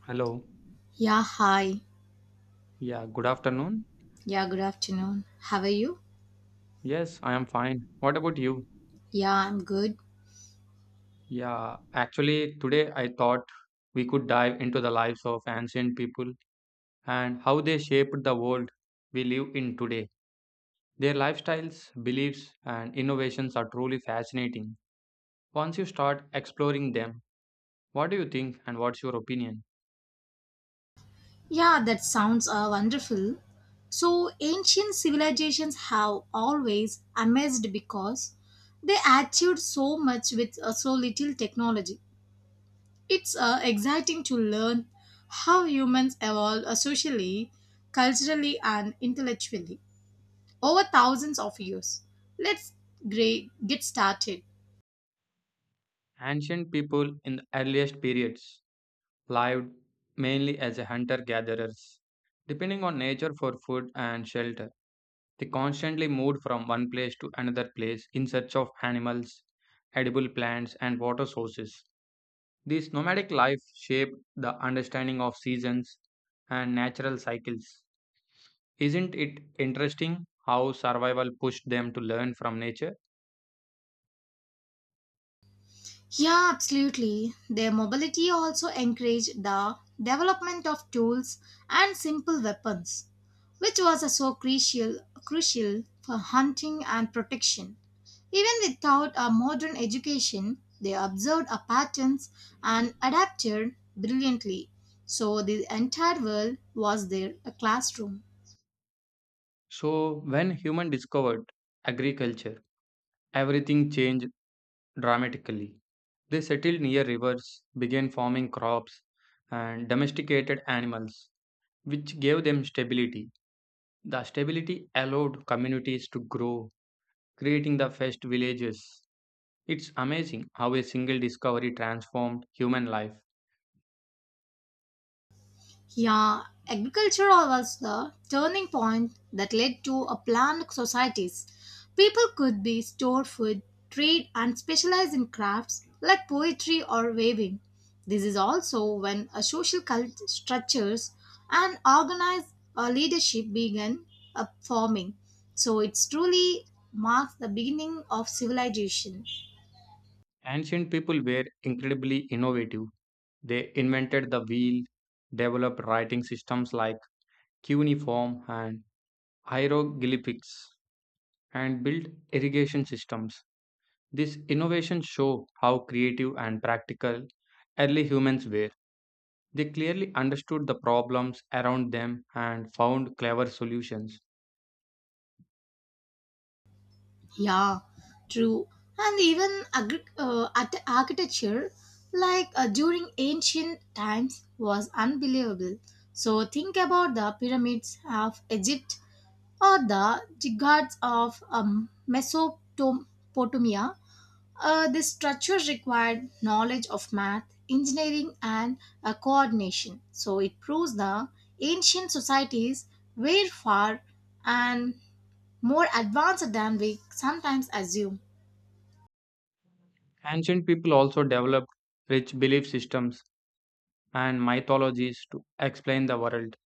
Hello. Yeah, hi. Yeah, good afternoon. Yeah, good afternoon. How are you? Yes, I am fine. What about you? Yeah, I'm good. Yeah, actually, today I thought we could dive into the lives of ancient people and how they shaped the world we live in today. Their lifestyles, beliefs, and innovations are truly fascinating. Once you start exploring them, what do you think and what's your opinion? Yeah, that sounds wonderful. So, ancient civilizations have always amazed because they achieved so much with so little technology. It's exciting to learn how humans evolved socially, culturally, and intellectually over thousands of years. Let's get started. Ancient people in the earliest periods lived mainly as hunter gatherers, depending on nature for food and shelter. They constantly moved from one place to another place in search of animals, edible plants, and water sources. This nomadic life shaped the understanding of seasons and natural cycles. Isn't it interesting how survival pushed them to learn from nature? Yeah, absolutely. Their mobility also encouraged the development of tools and simple weapons, which was so crucial for hunting and protection. Even without a modern education, they observed our patterns and adapted brilliantly. So the entire world was their classroom. So, when human discovered agriculture, everything changed dramatically. They settled near rivers, began farming crops, and domesticated animals, which gave them stability. The stability allowed communities to grow, creating the first villages. It's amazing how a single discovery transformed human life. Yeah, agriculture was the turning point that led to a planned societies. People could be store food, trade, and specialize in crafts like poetry or weaving. This is also when a social cult structures and organized leadership began forming. So it's truly marks the beginning of civilization. Ancient people were incredibly innovative. They invented the wheel, developed writing systems like cuneiform and hieroglyphics, and built irrigation systems. These innovations show how creative and practical early humans were. They clearly understood the problems around them and found clever solutions. Yeah, true. And even architecture, like during ancient times, was unbelievable. So think about the pyramids of Egypt or the ziggurats of Mesopotamia. This structure required knowledge of math, engineering, and coordination. So it proves the ancient societies were far and more advanced than we sometimes assume. Ancient people also developed rich belief systems and mythologies to explain the world.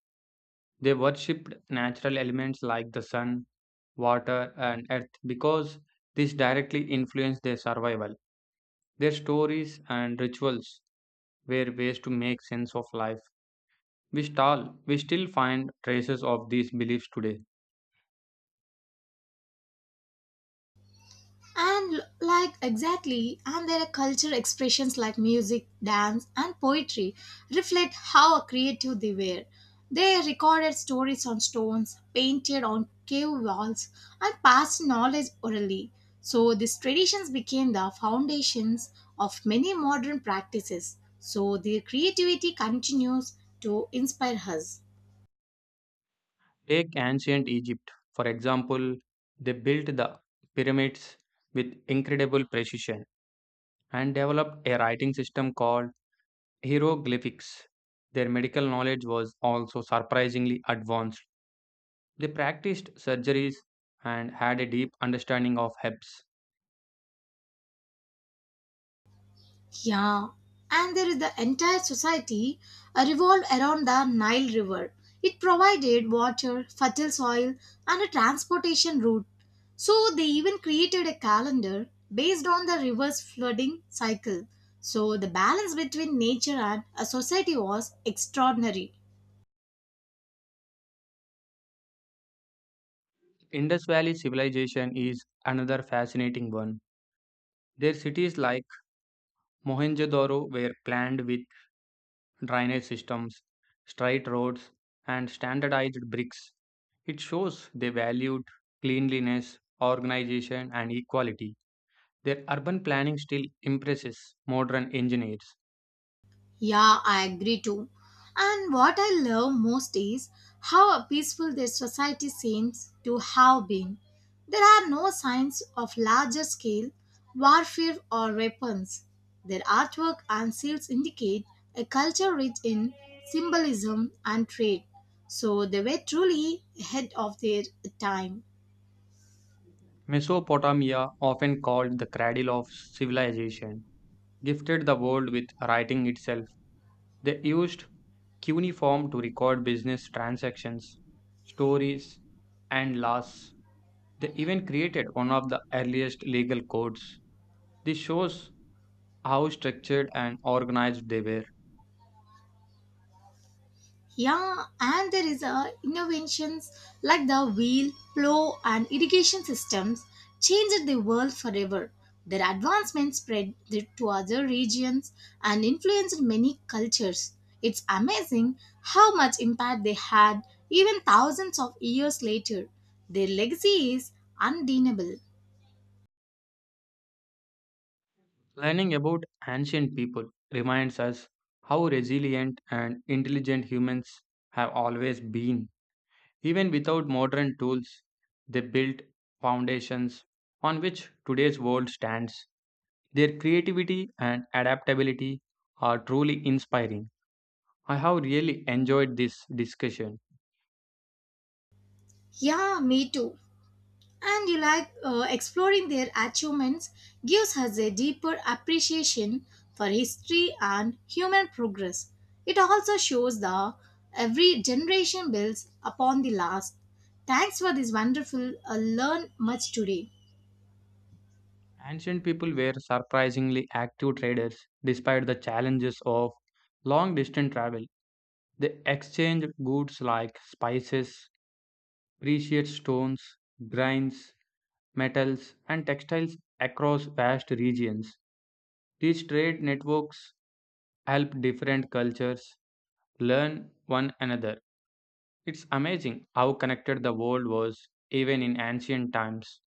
They worshipped natural elements like the sun, water, and earth because this directly influenced their survival. Their stories and rituals were ways to make sense of life. We still find traces of these beliefs today. Like exactly, and their culture expressions like music, dance, and poetry reflect how creative they were. They recorded stories on stones, painted on cave walls, and passed knowledge orally. So these traditions became the foundations of many modern practices. So their creativity continues to inspire us. Take ancient Egypt, for example, they built the pyramids with incredible precision and developed a writing system called hieroglyphics. Their medical knowledge was also surprisingly advanced. They practiced surgeries and had a deep understanding of herbs. Yeah, and there is the entire society revolved around the Nile River. It provided water, fertile soil, and a transportation route. So they even created a calendar based on the river's flooding cycle. So the balance between nature and a society was extraordinary. Indus Valley civilization is another fascinating one. Their cities like Mohenjo-daro were planned with drainage systems, straight roads, and standardized bricks. It shows they valued cleanliness, organization, and equality. Their urban planning still impresses modern engineers. Yeah, I agree too. And what I love most is how peaceful their society seems to have been. There are no signs of larger scale warfare or weapons. Their artwork and seals indicate a culture rich in symbolism and trade, so they were truly ahead of their time. Mesopotamia, often called the cradle of civilization, gifted the world with writing itself. They used cuneiform to record business transactions, stories, and laws. They even created one of the earliest legal codes. This shows how structured and organized they were. Yeah, and there is a innovations like the wheel, plow, and irrigation systems changed the world forever. Their advancements spread to other regions and influenced many cultures. It's amazing how much impact they had even thousands of years later. Their legacy is undeniable. Learning about ancient people reminds us how resilient and intelligent humans have always been. Even without modern tools, they built foundations on which today's world stands. Their creativity and adaptability are truly inspiring. I have really enjoyed this discussion. Yeah, me too. And you like exploring their achievements gives us a deeper appreciation for history and human progress. It also shows that every generation builds upon the last. Thanks for this wonderful learn much today. Ancient people were surprisingly active traders despite the challenges of long distance travel. They exchanged goods like spices, precious stones, grains, metals, and textiles across vast regions. These trade networks help different cultures learn one another. It's amazing how connected the world was even in ancient times.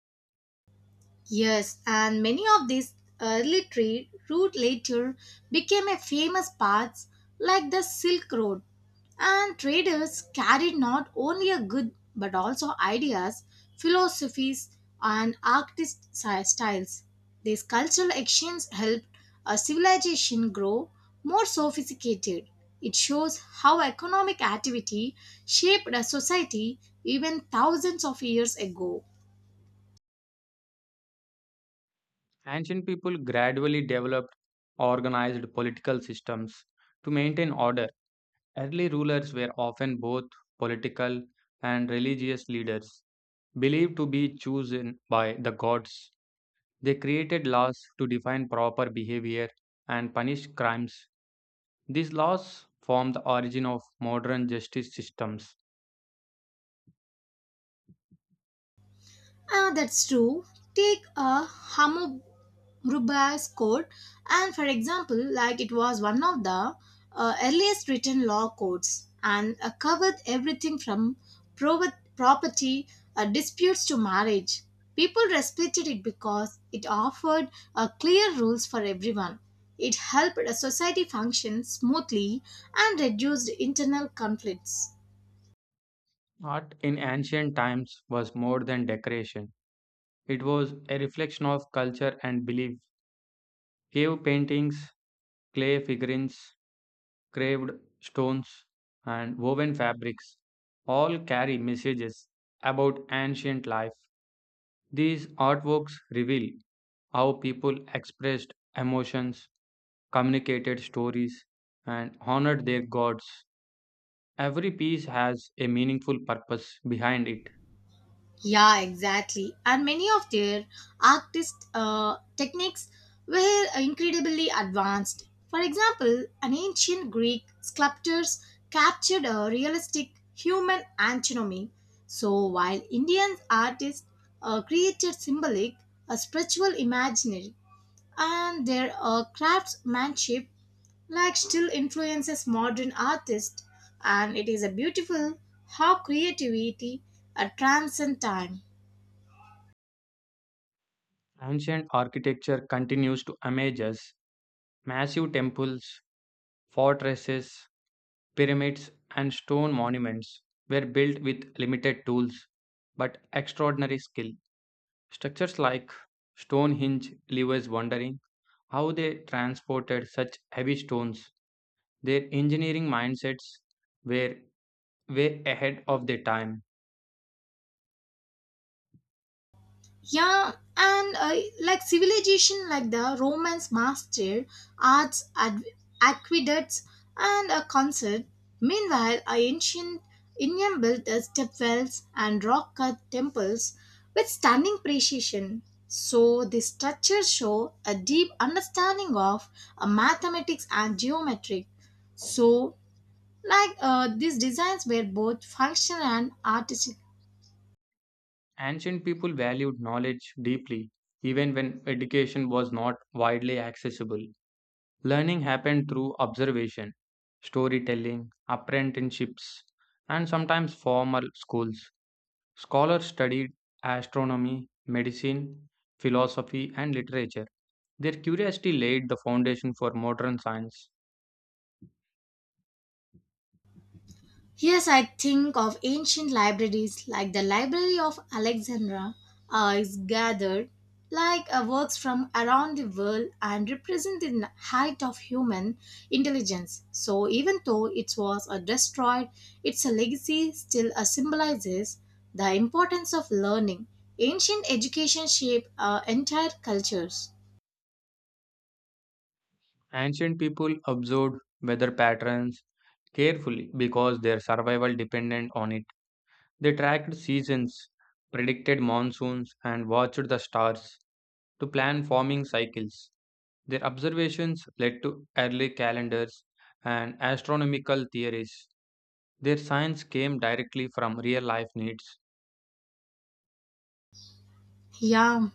Yes, and many of these early trade route later became a famous paths like the Silk Road. And traders carried not only a good but also ideas, philosophies, and styles. These cultural exchange helped a civilization grow more sophisticated. It shows how economic activity shaped a society even thousands of years ago. Ancient people gradually developed organized political systems to maintain order. Early rulers were often both political and religious leaders. Believed to be chosen by the gods, they created laws to define proper behavior and punish crimes. These laws form the origin of modern justice systems. Ah, that's true. Take a Hammurabi's code, and for example, like it was one of the earliest written law codes and covered everything from property disputes to marriage. People respected it because it offered clear rules for everyone. It helped a society function smoothly and reduced internal conflicts. Art in ancient times was more than decoration, it was a reflection of culture and belief. Cave paintings, clay figurines, craved stones, and woven fabrics all carry messages about ancient life. These artworks reveal how people expressed emotions, communicated stories, and honored their gods. Every piece has a meaningful purpose behind it. Yeah, exactly. And many of their artist techniques were incredibly advanced. For example, an ancient Greek sculptors captured a realistic human anatomy. So while Indian artists created symbolic, a spiritual imaginary and their craftsmanship like still influences modern artists, and it is a beautiful how creativity transcends time. Ancient architecture continues to amaze us. Massive temples, fortresses, pyramids, and stone monuments were built with limited tools but extraordinary skill. Structures like Stonehenge leave us wondering how they transported such heavy stones. Their engineering mindsets were way ahead of their time. Yeah, and like civilization, like the Romans mastered arts, aqueducts, and a concert. Meanwhile, a ancient Indian built stepwells and rock cut temples with stunning precision. So, the structures show a deep understanding of mathematics and geometry. So, like these designs were both functional and artistic. Ancient people valued knowledge deeply, even when education was not widely accessible. Learning happened through observation, storytelling, apprenticeships, and sometimes formal schools. Scholars studied astronomy, medicine, philosophy, and literature. Their curiosity laid the foundation for modern science. Yes, I think of ancient libraries like the Library of Alexandria is gathered like works from around the world and represent the height of human intelligence. So even though it was destroyed, its legacy still symbolizes the importance of learning. Ancient education shaped entire cultures. Ancient people observed weather patterns carefully because their survival depended on it. They tracked seasons, predicted monsoons, and watched the stars to plan forming cycles. Their observations led to early calendars and astronomical theories. Their science came directly from real life needs. Yeah,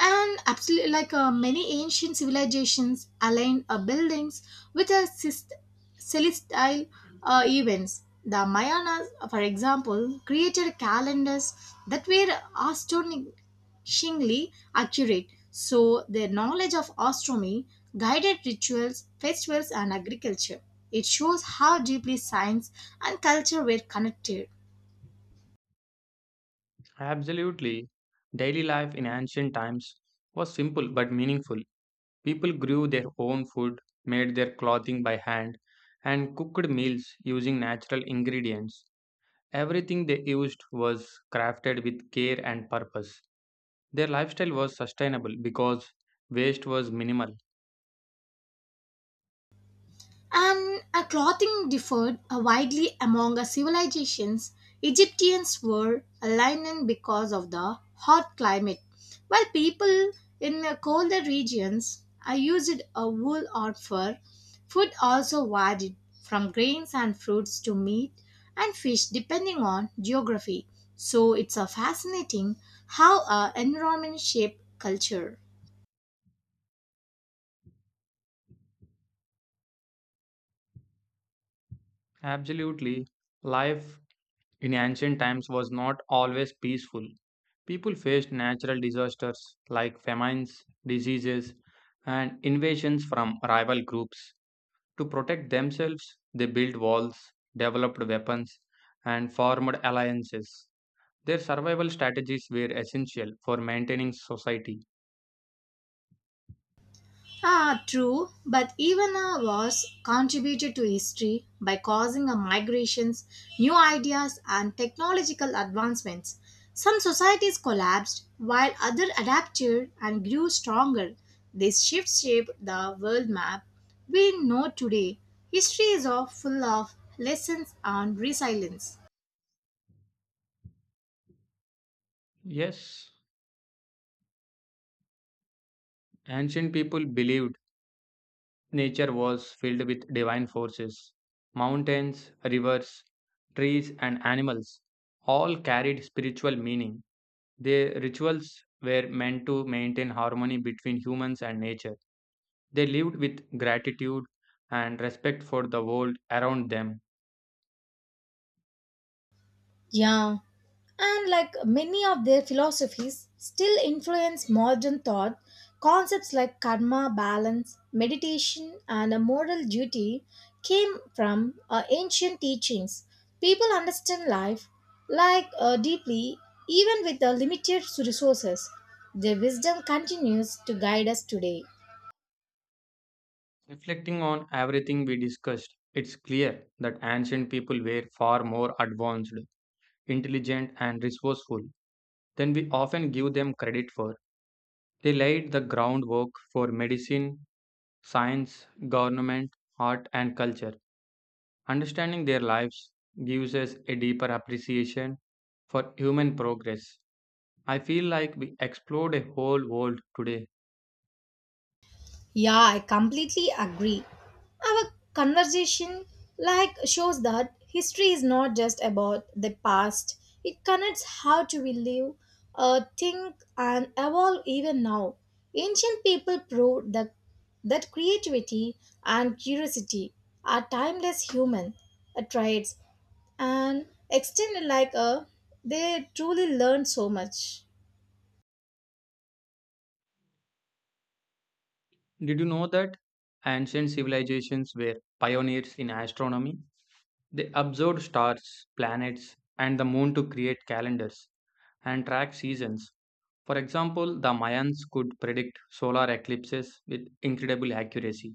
and absolutely, like many ancient civilizations aligned buildings with a celestial events. The Mayanas, for example, created calendars that were astonishingly accurate. So their knowledge of astronomy guided rituals, festivals, and agriculture. It shows how deeply science and culture were connected. Absolutely, daily life in ancient times was simple but meaningful. People grew their own food, made their clothing by hand, and cooked meals using natural ingredients. Everything they used was crafted with care and purpose. Their lifestyle was sustainable because waste was minimal. And a clothing differed widely among civilizations. Egyptians wore a linen because of the hot climate, while people in colder regions used a wool or fur. Food also varied from grains and fruits to meat and fish depending on geography. So it's fascinating how environment shape culture. Absolutely. Life in ancient times was not always peaceful. People faced natural disasters like famines, diseases, and invasions from rival groups. To protect themselves, they built walls, developed weapons, and formed alliances. Their survival strategies were essential for maintaining society. Ah, true, but even a was contributed to history by causing a migrations, new ideas, and technological advancements. Some societies collapsed while others adapted and grew stronger. This shift shaped the world map we know today. History is all full of lessons on resilience. Yes, ancient people believed nature was filled with divine forces. Mountains, rivers, trees, and animals all carried spiritual meaning. Their rituals were meant to maintain harmony between humans and nature. They lived with gratitude and respect for the world around them. Yeah, and like many of their philosophies, still influence modern thought. Concepts like karma, balance, meditation, and a moral duty came from ancient teachings. People understand life like deeply, even with the limited resources. Their wisdom continues to guide us today. Reflecting on everything we discussed, it's clear that ancient people were far more advanced, intelligent, and resourceful than we often give them credit for. They laid the groundwork for medicine, science, government, art, and culture. Understanding their lives gives us a deeper appreciation for human progress. I feel like we explored a whole world today. Yeah, I completely agree. Our conversation like shows that history is not just about the past. It connects how do we live, think and evolve even now. Ancient people proved that creativity and curiosity are timeless human traits and extended like a they truly learn so much. Did you know that ancient civilizations were pioneers in astronomy? They observed stars, planets, and the moon to create calendars and track seasons. For example, the Mayans could predict solar eclipses with incredible accuracy.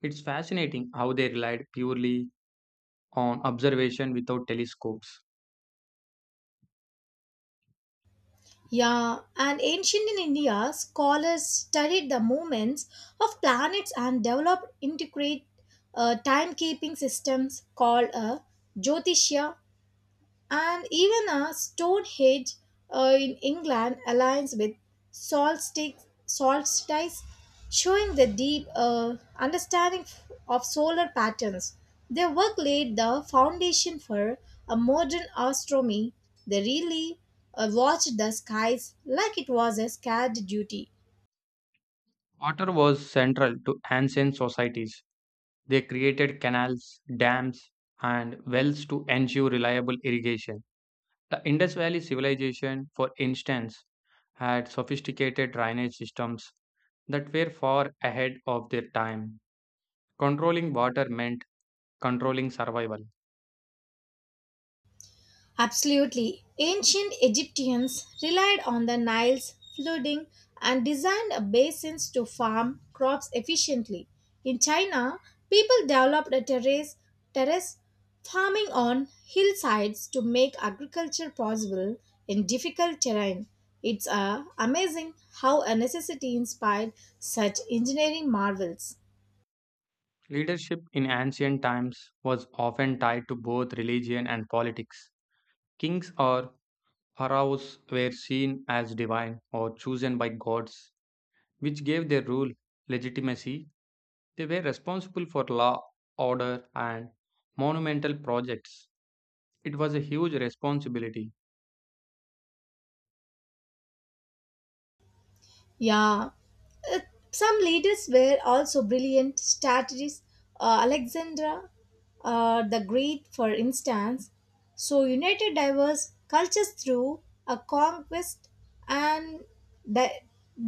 It's fascinating how they relied purely on observation without telescopes. Yeah, and ancient in India, scholars studied the movements of planets and developed integrate timekeeping systems called a Jyotishya, and even a Stonehenge in England aligns with solstice, showing the deep understanding of solar patterns. Their work laid the foundation for a modern astronomy. They really watched the skies like it was a scared duty. Water was central to ancient societies. They created canals, dams, and wells to ensure reliable irrigation. The Indus Valley civilization, for instance, had sophisticated drainage systems that were far ahead of their time. Controlling water meant controlling survival. Absolutely. Ancient Egyptians relied on the Nile's flooding and designed basins to farm crops efficiently. In China, people developed a terrace farming on hillsides to make agriculture possible in difficult terrain. It's amazing how a necessity inspired such engineering marvels. Leadership in ancient times was often tied to both religion and politics. Kings or pharaohs were seen as divine or chosen by gods, which gave their rule legitimacy. They were responsible for law, order, and monumental projects. It was a huge responsibility. Yeah, Uh, some leaders were also brilliant strategists. Alexandra the Great, for instance, so united diverse cultures through a conquest and di-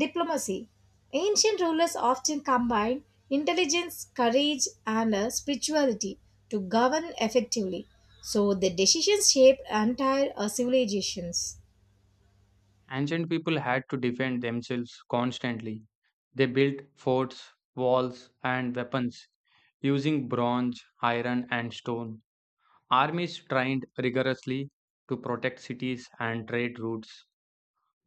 diplomacy. Ancient rulers often combined intelligence, courage, and spirituality to govern effectively. So the decisions shaped entire civilizations. Ancient people had to defend themselves constantly. They built forts, walls, and weapons using bronze, iron, and stone. Armies trained rigorously to protect cities and trade routes.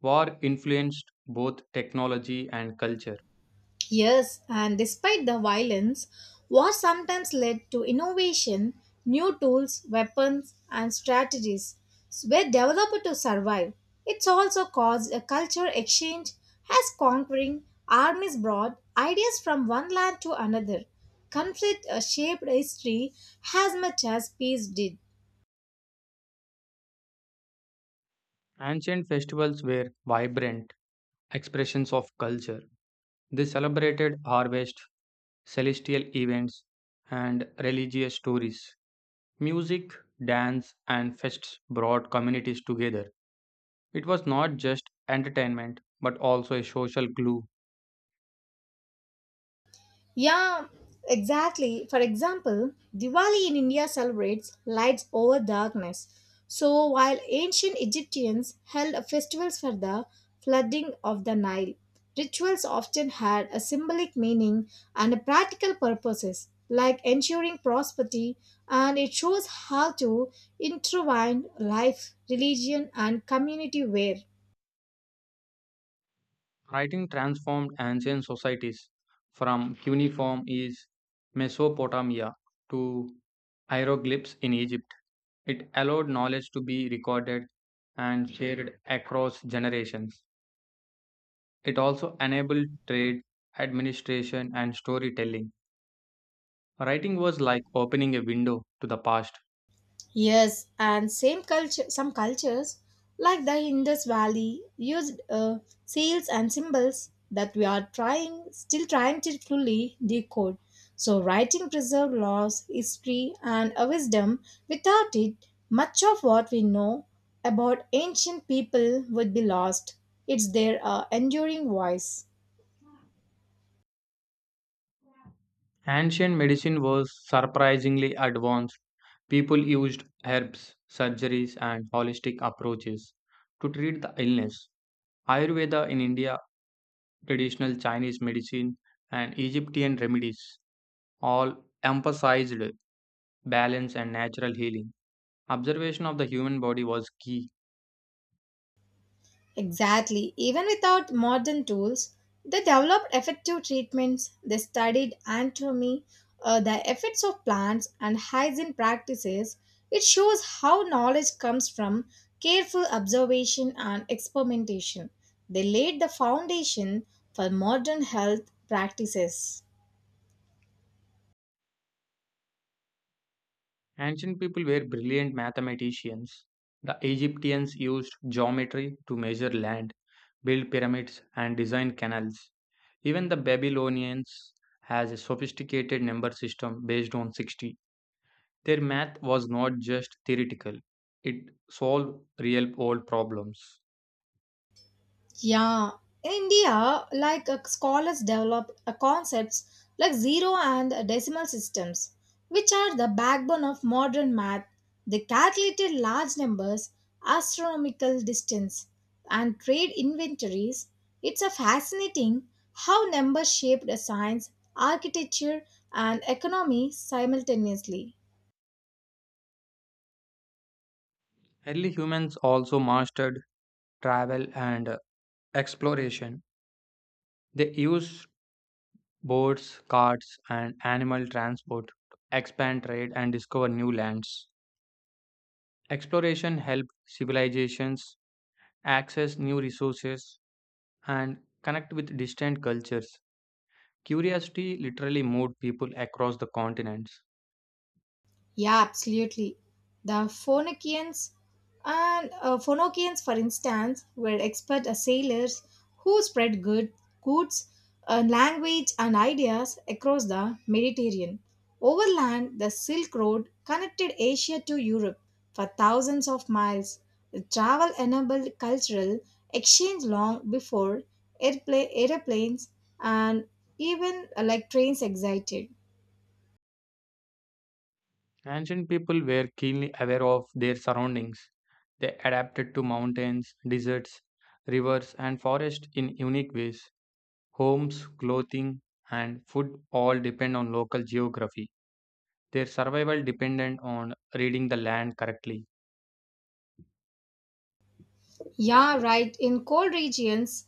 War influenced both technology and culture. Yes, and despite the violence, war sometimes led to innovation, new tools, weapons, and strategies were developed to survive. It's also caused a culture exchange as conquering armies brought ideas from one land to another. Conflict shaped history as much as peace did. Ancient festivals were vibrant expressions of culture. They celebrated harvest, celestial events, and religious stories. Music, dance, and fests brought communities together. It was not just entertainment, but also a social glue. Yeah, exactly. For example, Diwali in India celebrates lights over darkness. So, while ancient Egyptians held festivals for the flooding of the Nile, rituals often had a symbolic meaning and practical purposes, like ensuring prosperity, and it shows how to intertwine life, religion, and community wear. Writing transformed ancient societies, from cuneiform is Mesopotamia to hieroglyphs in Egypt. It allowed knowledge to be recorded and shared across generations. It also enabled trade, administration, and storytelling. Writing was like opening a window to the past. Yes, and some cultures like the Indus Valley used seals and symbols that still trying to fully decode. So, writing preserved laws, history, and a wisdom. Without it, much of what we know about ancient people would be lost. It's their enduring voice. Ancient medicine was surprisingly advanced. People used herbs, surgeries, and holistic approaches to treat the illness. Ayurveda in India, traditional Chinese medicine, and Egyptian remedies all emphasized balance and natural healing. Observation of the human body was key. Exactly. Even without modern tools, they developed effective treatments. They studied anatomy, the effects of plants, and hygiene practices. It shows how knowledge comes from careful observation and experimentation. They laid the foundation for modern health practices. Ancient people were brilliant mathematicians. The Egyptians used geometry to measure land, build pyramids, and design canals. Even the Babylonians has a sophisticated number system based on 60. Their math was not just theoretical. It solved real world problems. Yeah, in India, like scholars developed concepts like zero and decimal systems, which are the backbone of modern math. They calculated large numbers, astronomical distance, and trade inventories. It's a fascinating how numbers shaped a science, architecture, and economy simultaneously. Early humans also mastered travel and exploration. They used boats, carts, and animal transport to expand trade and discover new lands. Exploration helped civilizations access new resources and connect with distant cultures. Curiosity literally moved people across the continents. Yeah, absolutely. The Phoenicians and Phoenicians, for instance, were expert sailors who spread goods, language, and ideas across the Mediterranean. Overland, the Silk Road connected Asia to Europe for thousands of miles. The travel enabled cultural exchange long before airplanes and even like trains existed. Ancient people were keenly aware of their surroundings. They adapted to mountains, deserts, rivers, and forests in unique ways. Homes, clothing, and food all depend on local geography. Their survival depended on reading the land correctly. Yeah, right. In cold regions,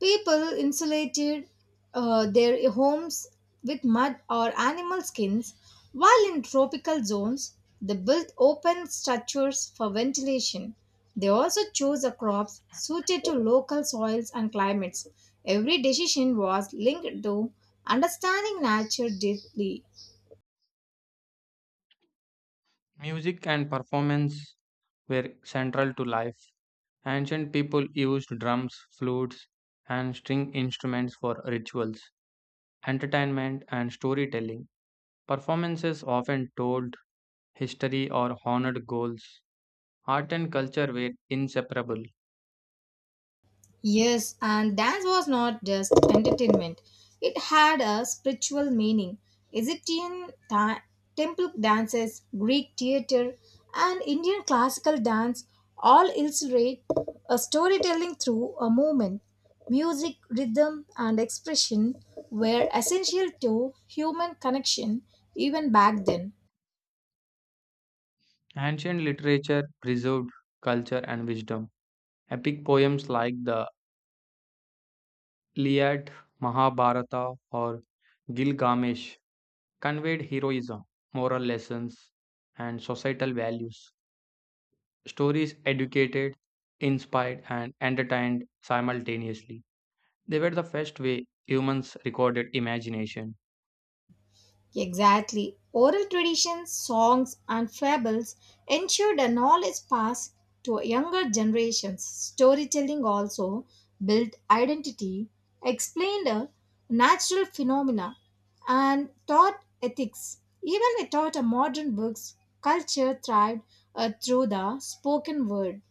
people insulated their homes with mud or animal skins, while in tropical zones, they built open structures for ventilation. They also chose the crops suited to local soils and climates. Every decision was linked to understanding nature deeply. Music and performance were central to life. Ancient people used drums, flutes, and string instruments for rituals, entertainment, and storytelling. Performances often told history or honored goals. Art and culture were inseparable. Yes, and dance was not just entertainment, it had a spiritual meaning. Egyptian ta- Temple dances, Greek theater, and Indian classical dance all illustrate a storytelling through a movement. Music, rhythm, and expression were essential to human connection even back then. Ancient literature preserved culture and wisdom. Epic poems like the Iliad, Mahabharata, or Gilgamesh conveyed heroism, moral lessons, and societal values. Stories educated, inspired, and entertained simultaneously. They were the first way humans recorded imagination. Exactly. Oral traditions, songs, and fables ensure the knowledge passed to younger generations. Storytelling also built identity, explained natural phenomena, and taught ethics. Even without a modern books, culture thrived through the spoken word.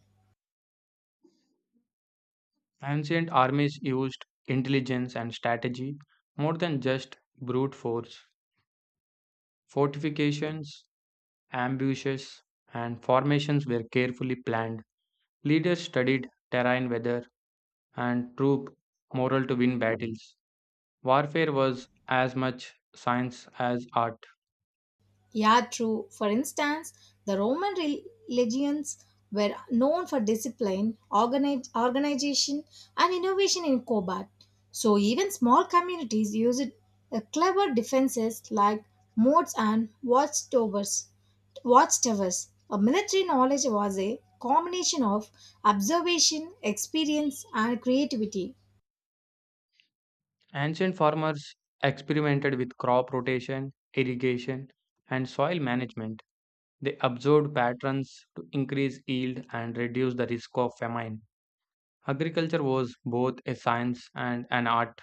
Ancient armies used intelligence and strategy more than just brute force. Fortifications, ambushes, and formations were carefully planned. Leaders studied terrain weather and troop morale to win battles. Warfare was as much science as art. Yeah, true. For instance, the Roman religions were known for discipline, organization, and innovation in combat. So even small communities used clever defenses like moats and watchtowers. A military knowledge was a combination of observation, experience, and creativity. Ancient farmers experimented with crop rotation, irrigation, and soil management. They observed patterns to increase yield and reduce the risk of famine. Agriculture was both a science and an art.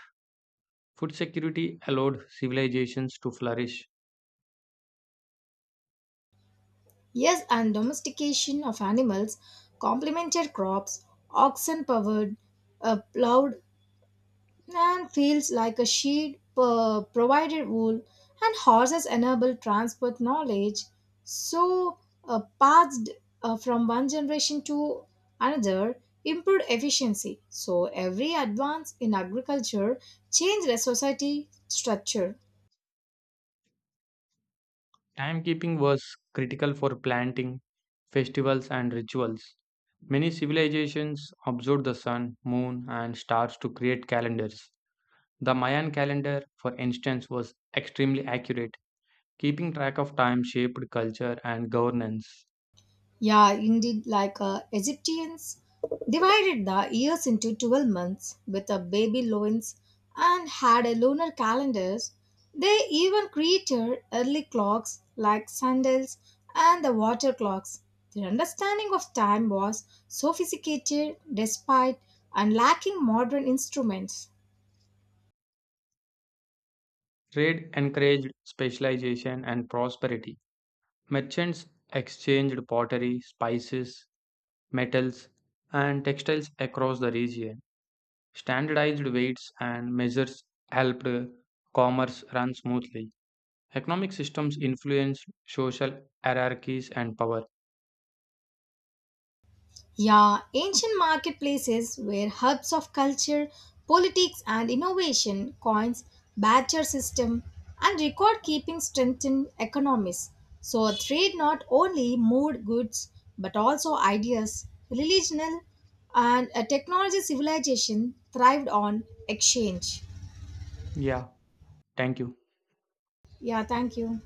Food security allowed civilizations to flourish. Yes, and domestication of animals, complemented crops, oxen powered, plowed, and fields like a sheep provided wool, and horses enabled transport knowledge. So, passed from one generation to another, improved efficiency. So, every advance in agriculture changed the society structure. Timekeeping was critical for planting, festivals, and rituals. Many civilizations observed the sun, moon, and stars to create calendars. The Mayan calendar, for instance, was extremely accurate. Keeping track of time shaped culture and governance. Yeah, indeed, like Egyptians divided the years into 12 months with a baby loins and had a lunar calendars. They even created early clocks like sundials and the water clocks. Their understanding of time was sophisticated despite and lacking modern instruments. Trade encouraged specialization and prosperity. Merchants exchanged pottery, spices, metals, and textiles across the region. Standardized weights and measures helped commerce run smoothly. Economic systems influence social hierarchies and power. Yeah, ancient marketplaces were hubs of culture, politics, and innovation. Coins, badger system, and record keeping strengthened economies. So, trade not only moved goods but also ideas. Religional and a technology civilization thrived on exchange. Yeah, thank you. Yeah, thank you.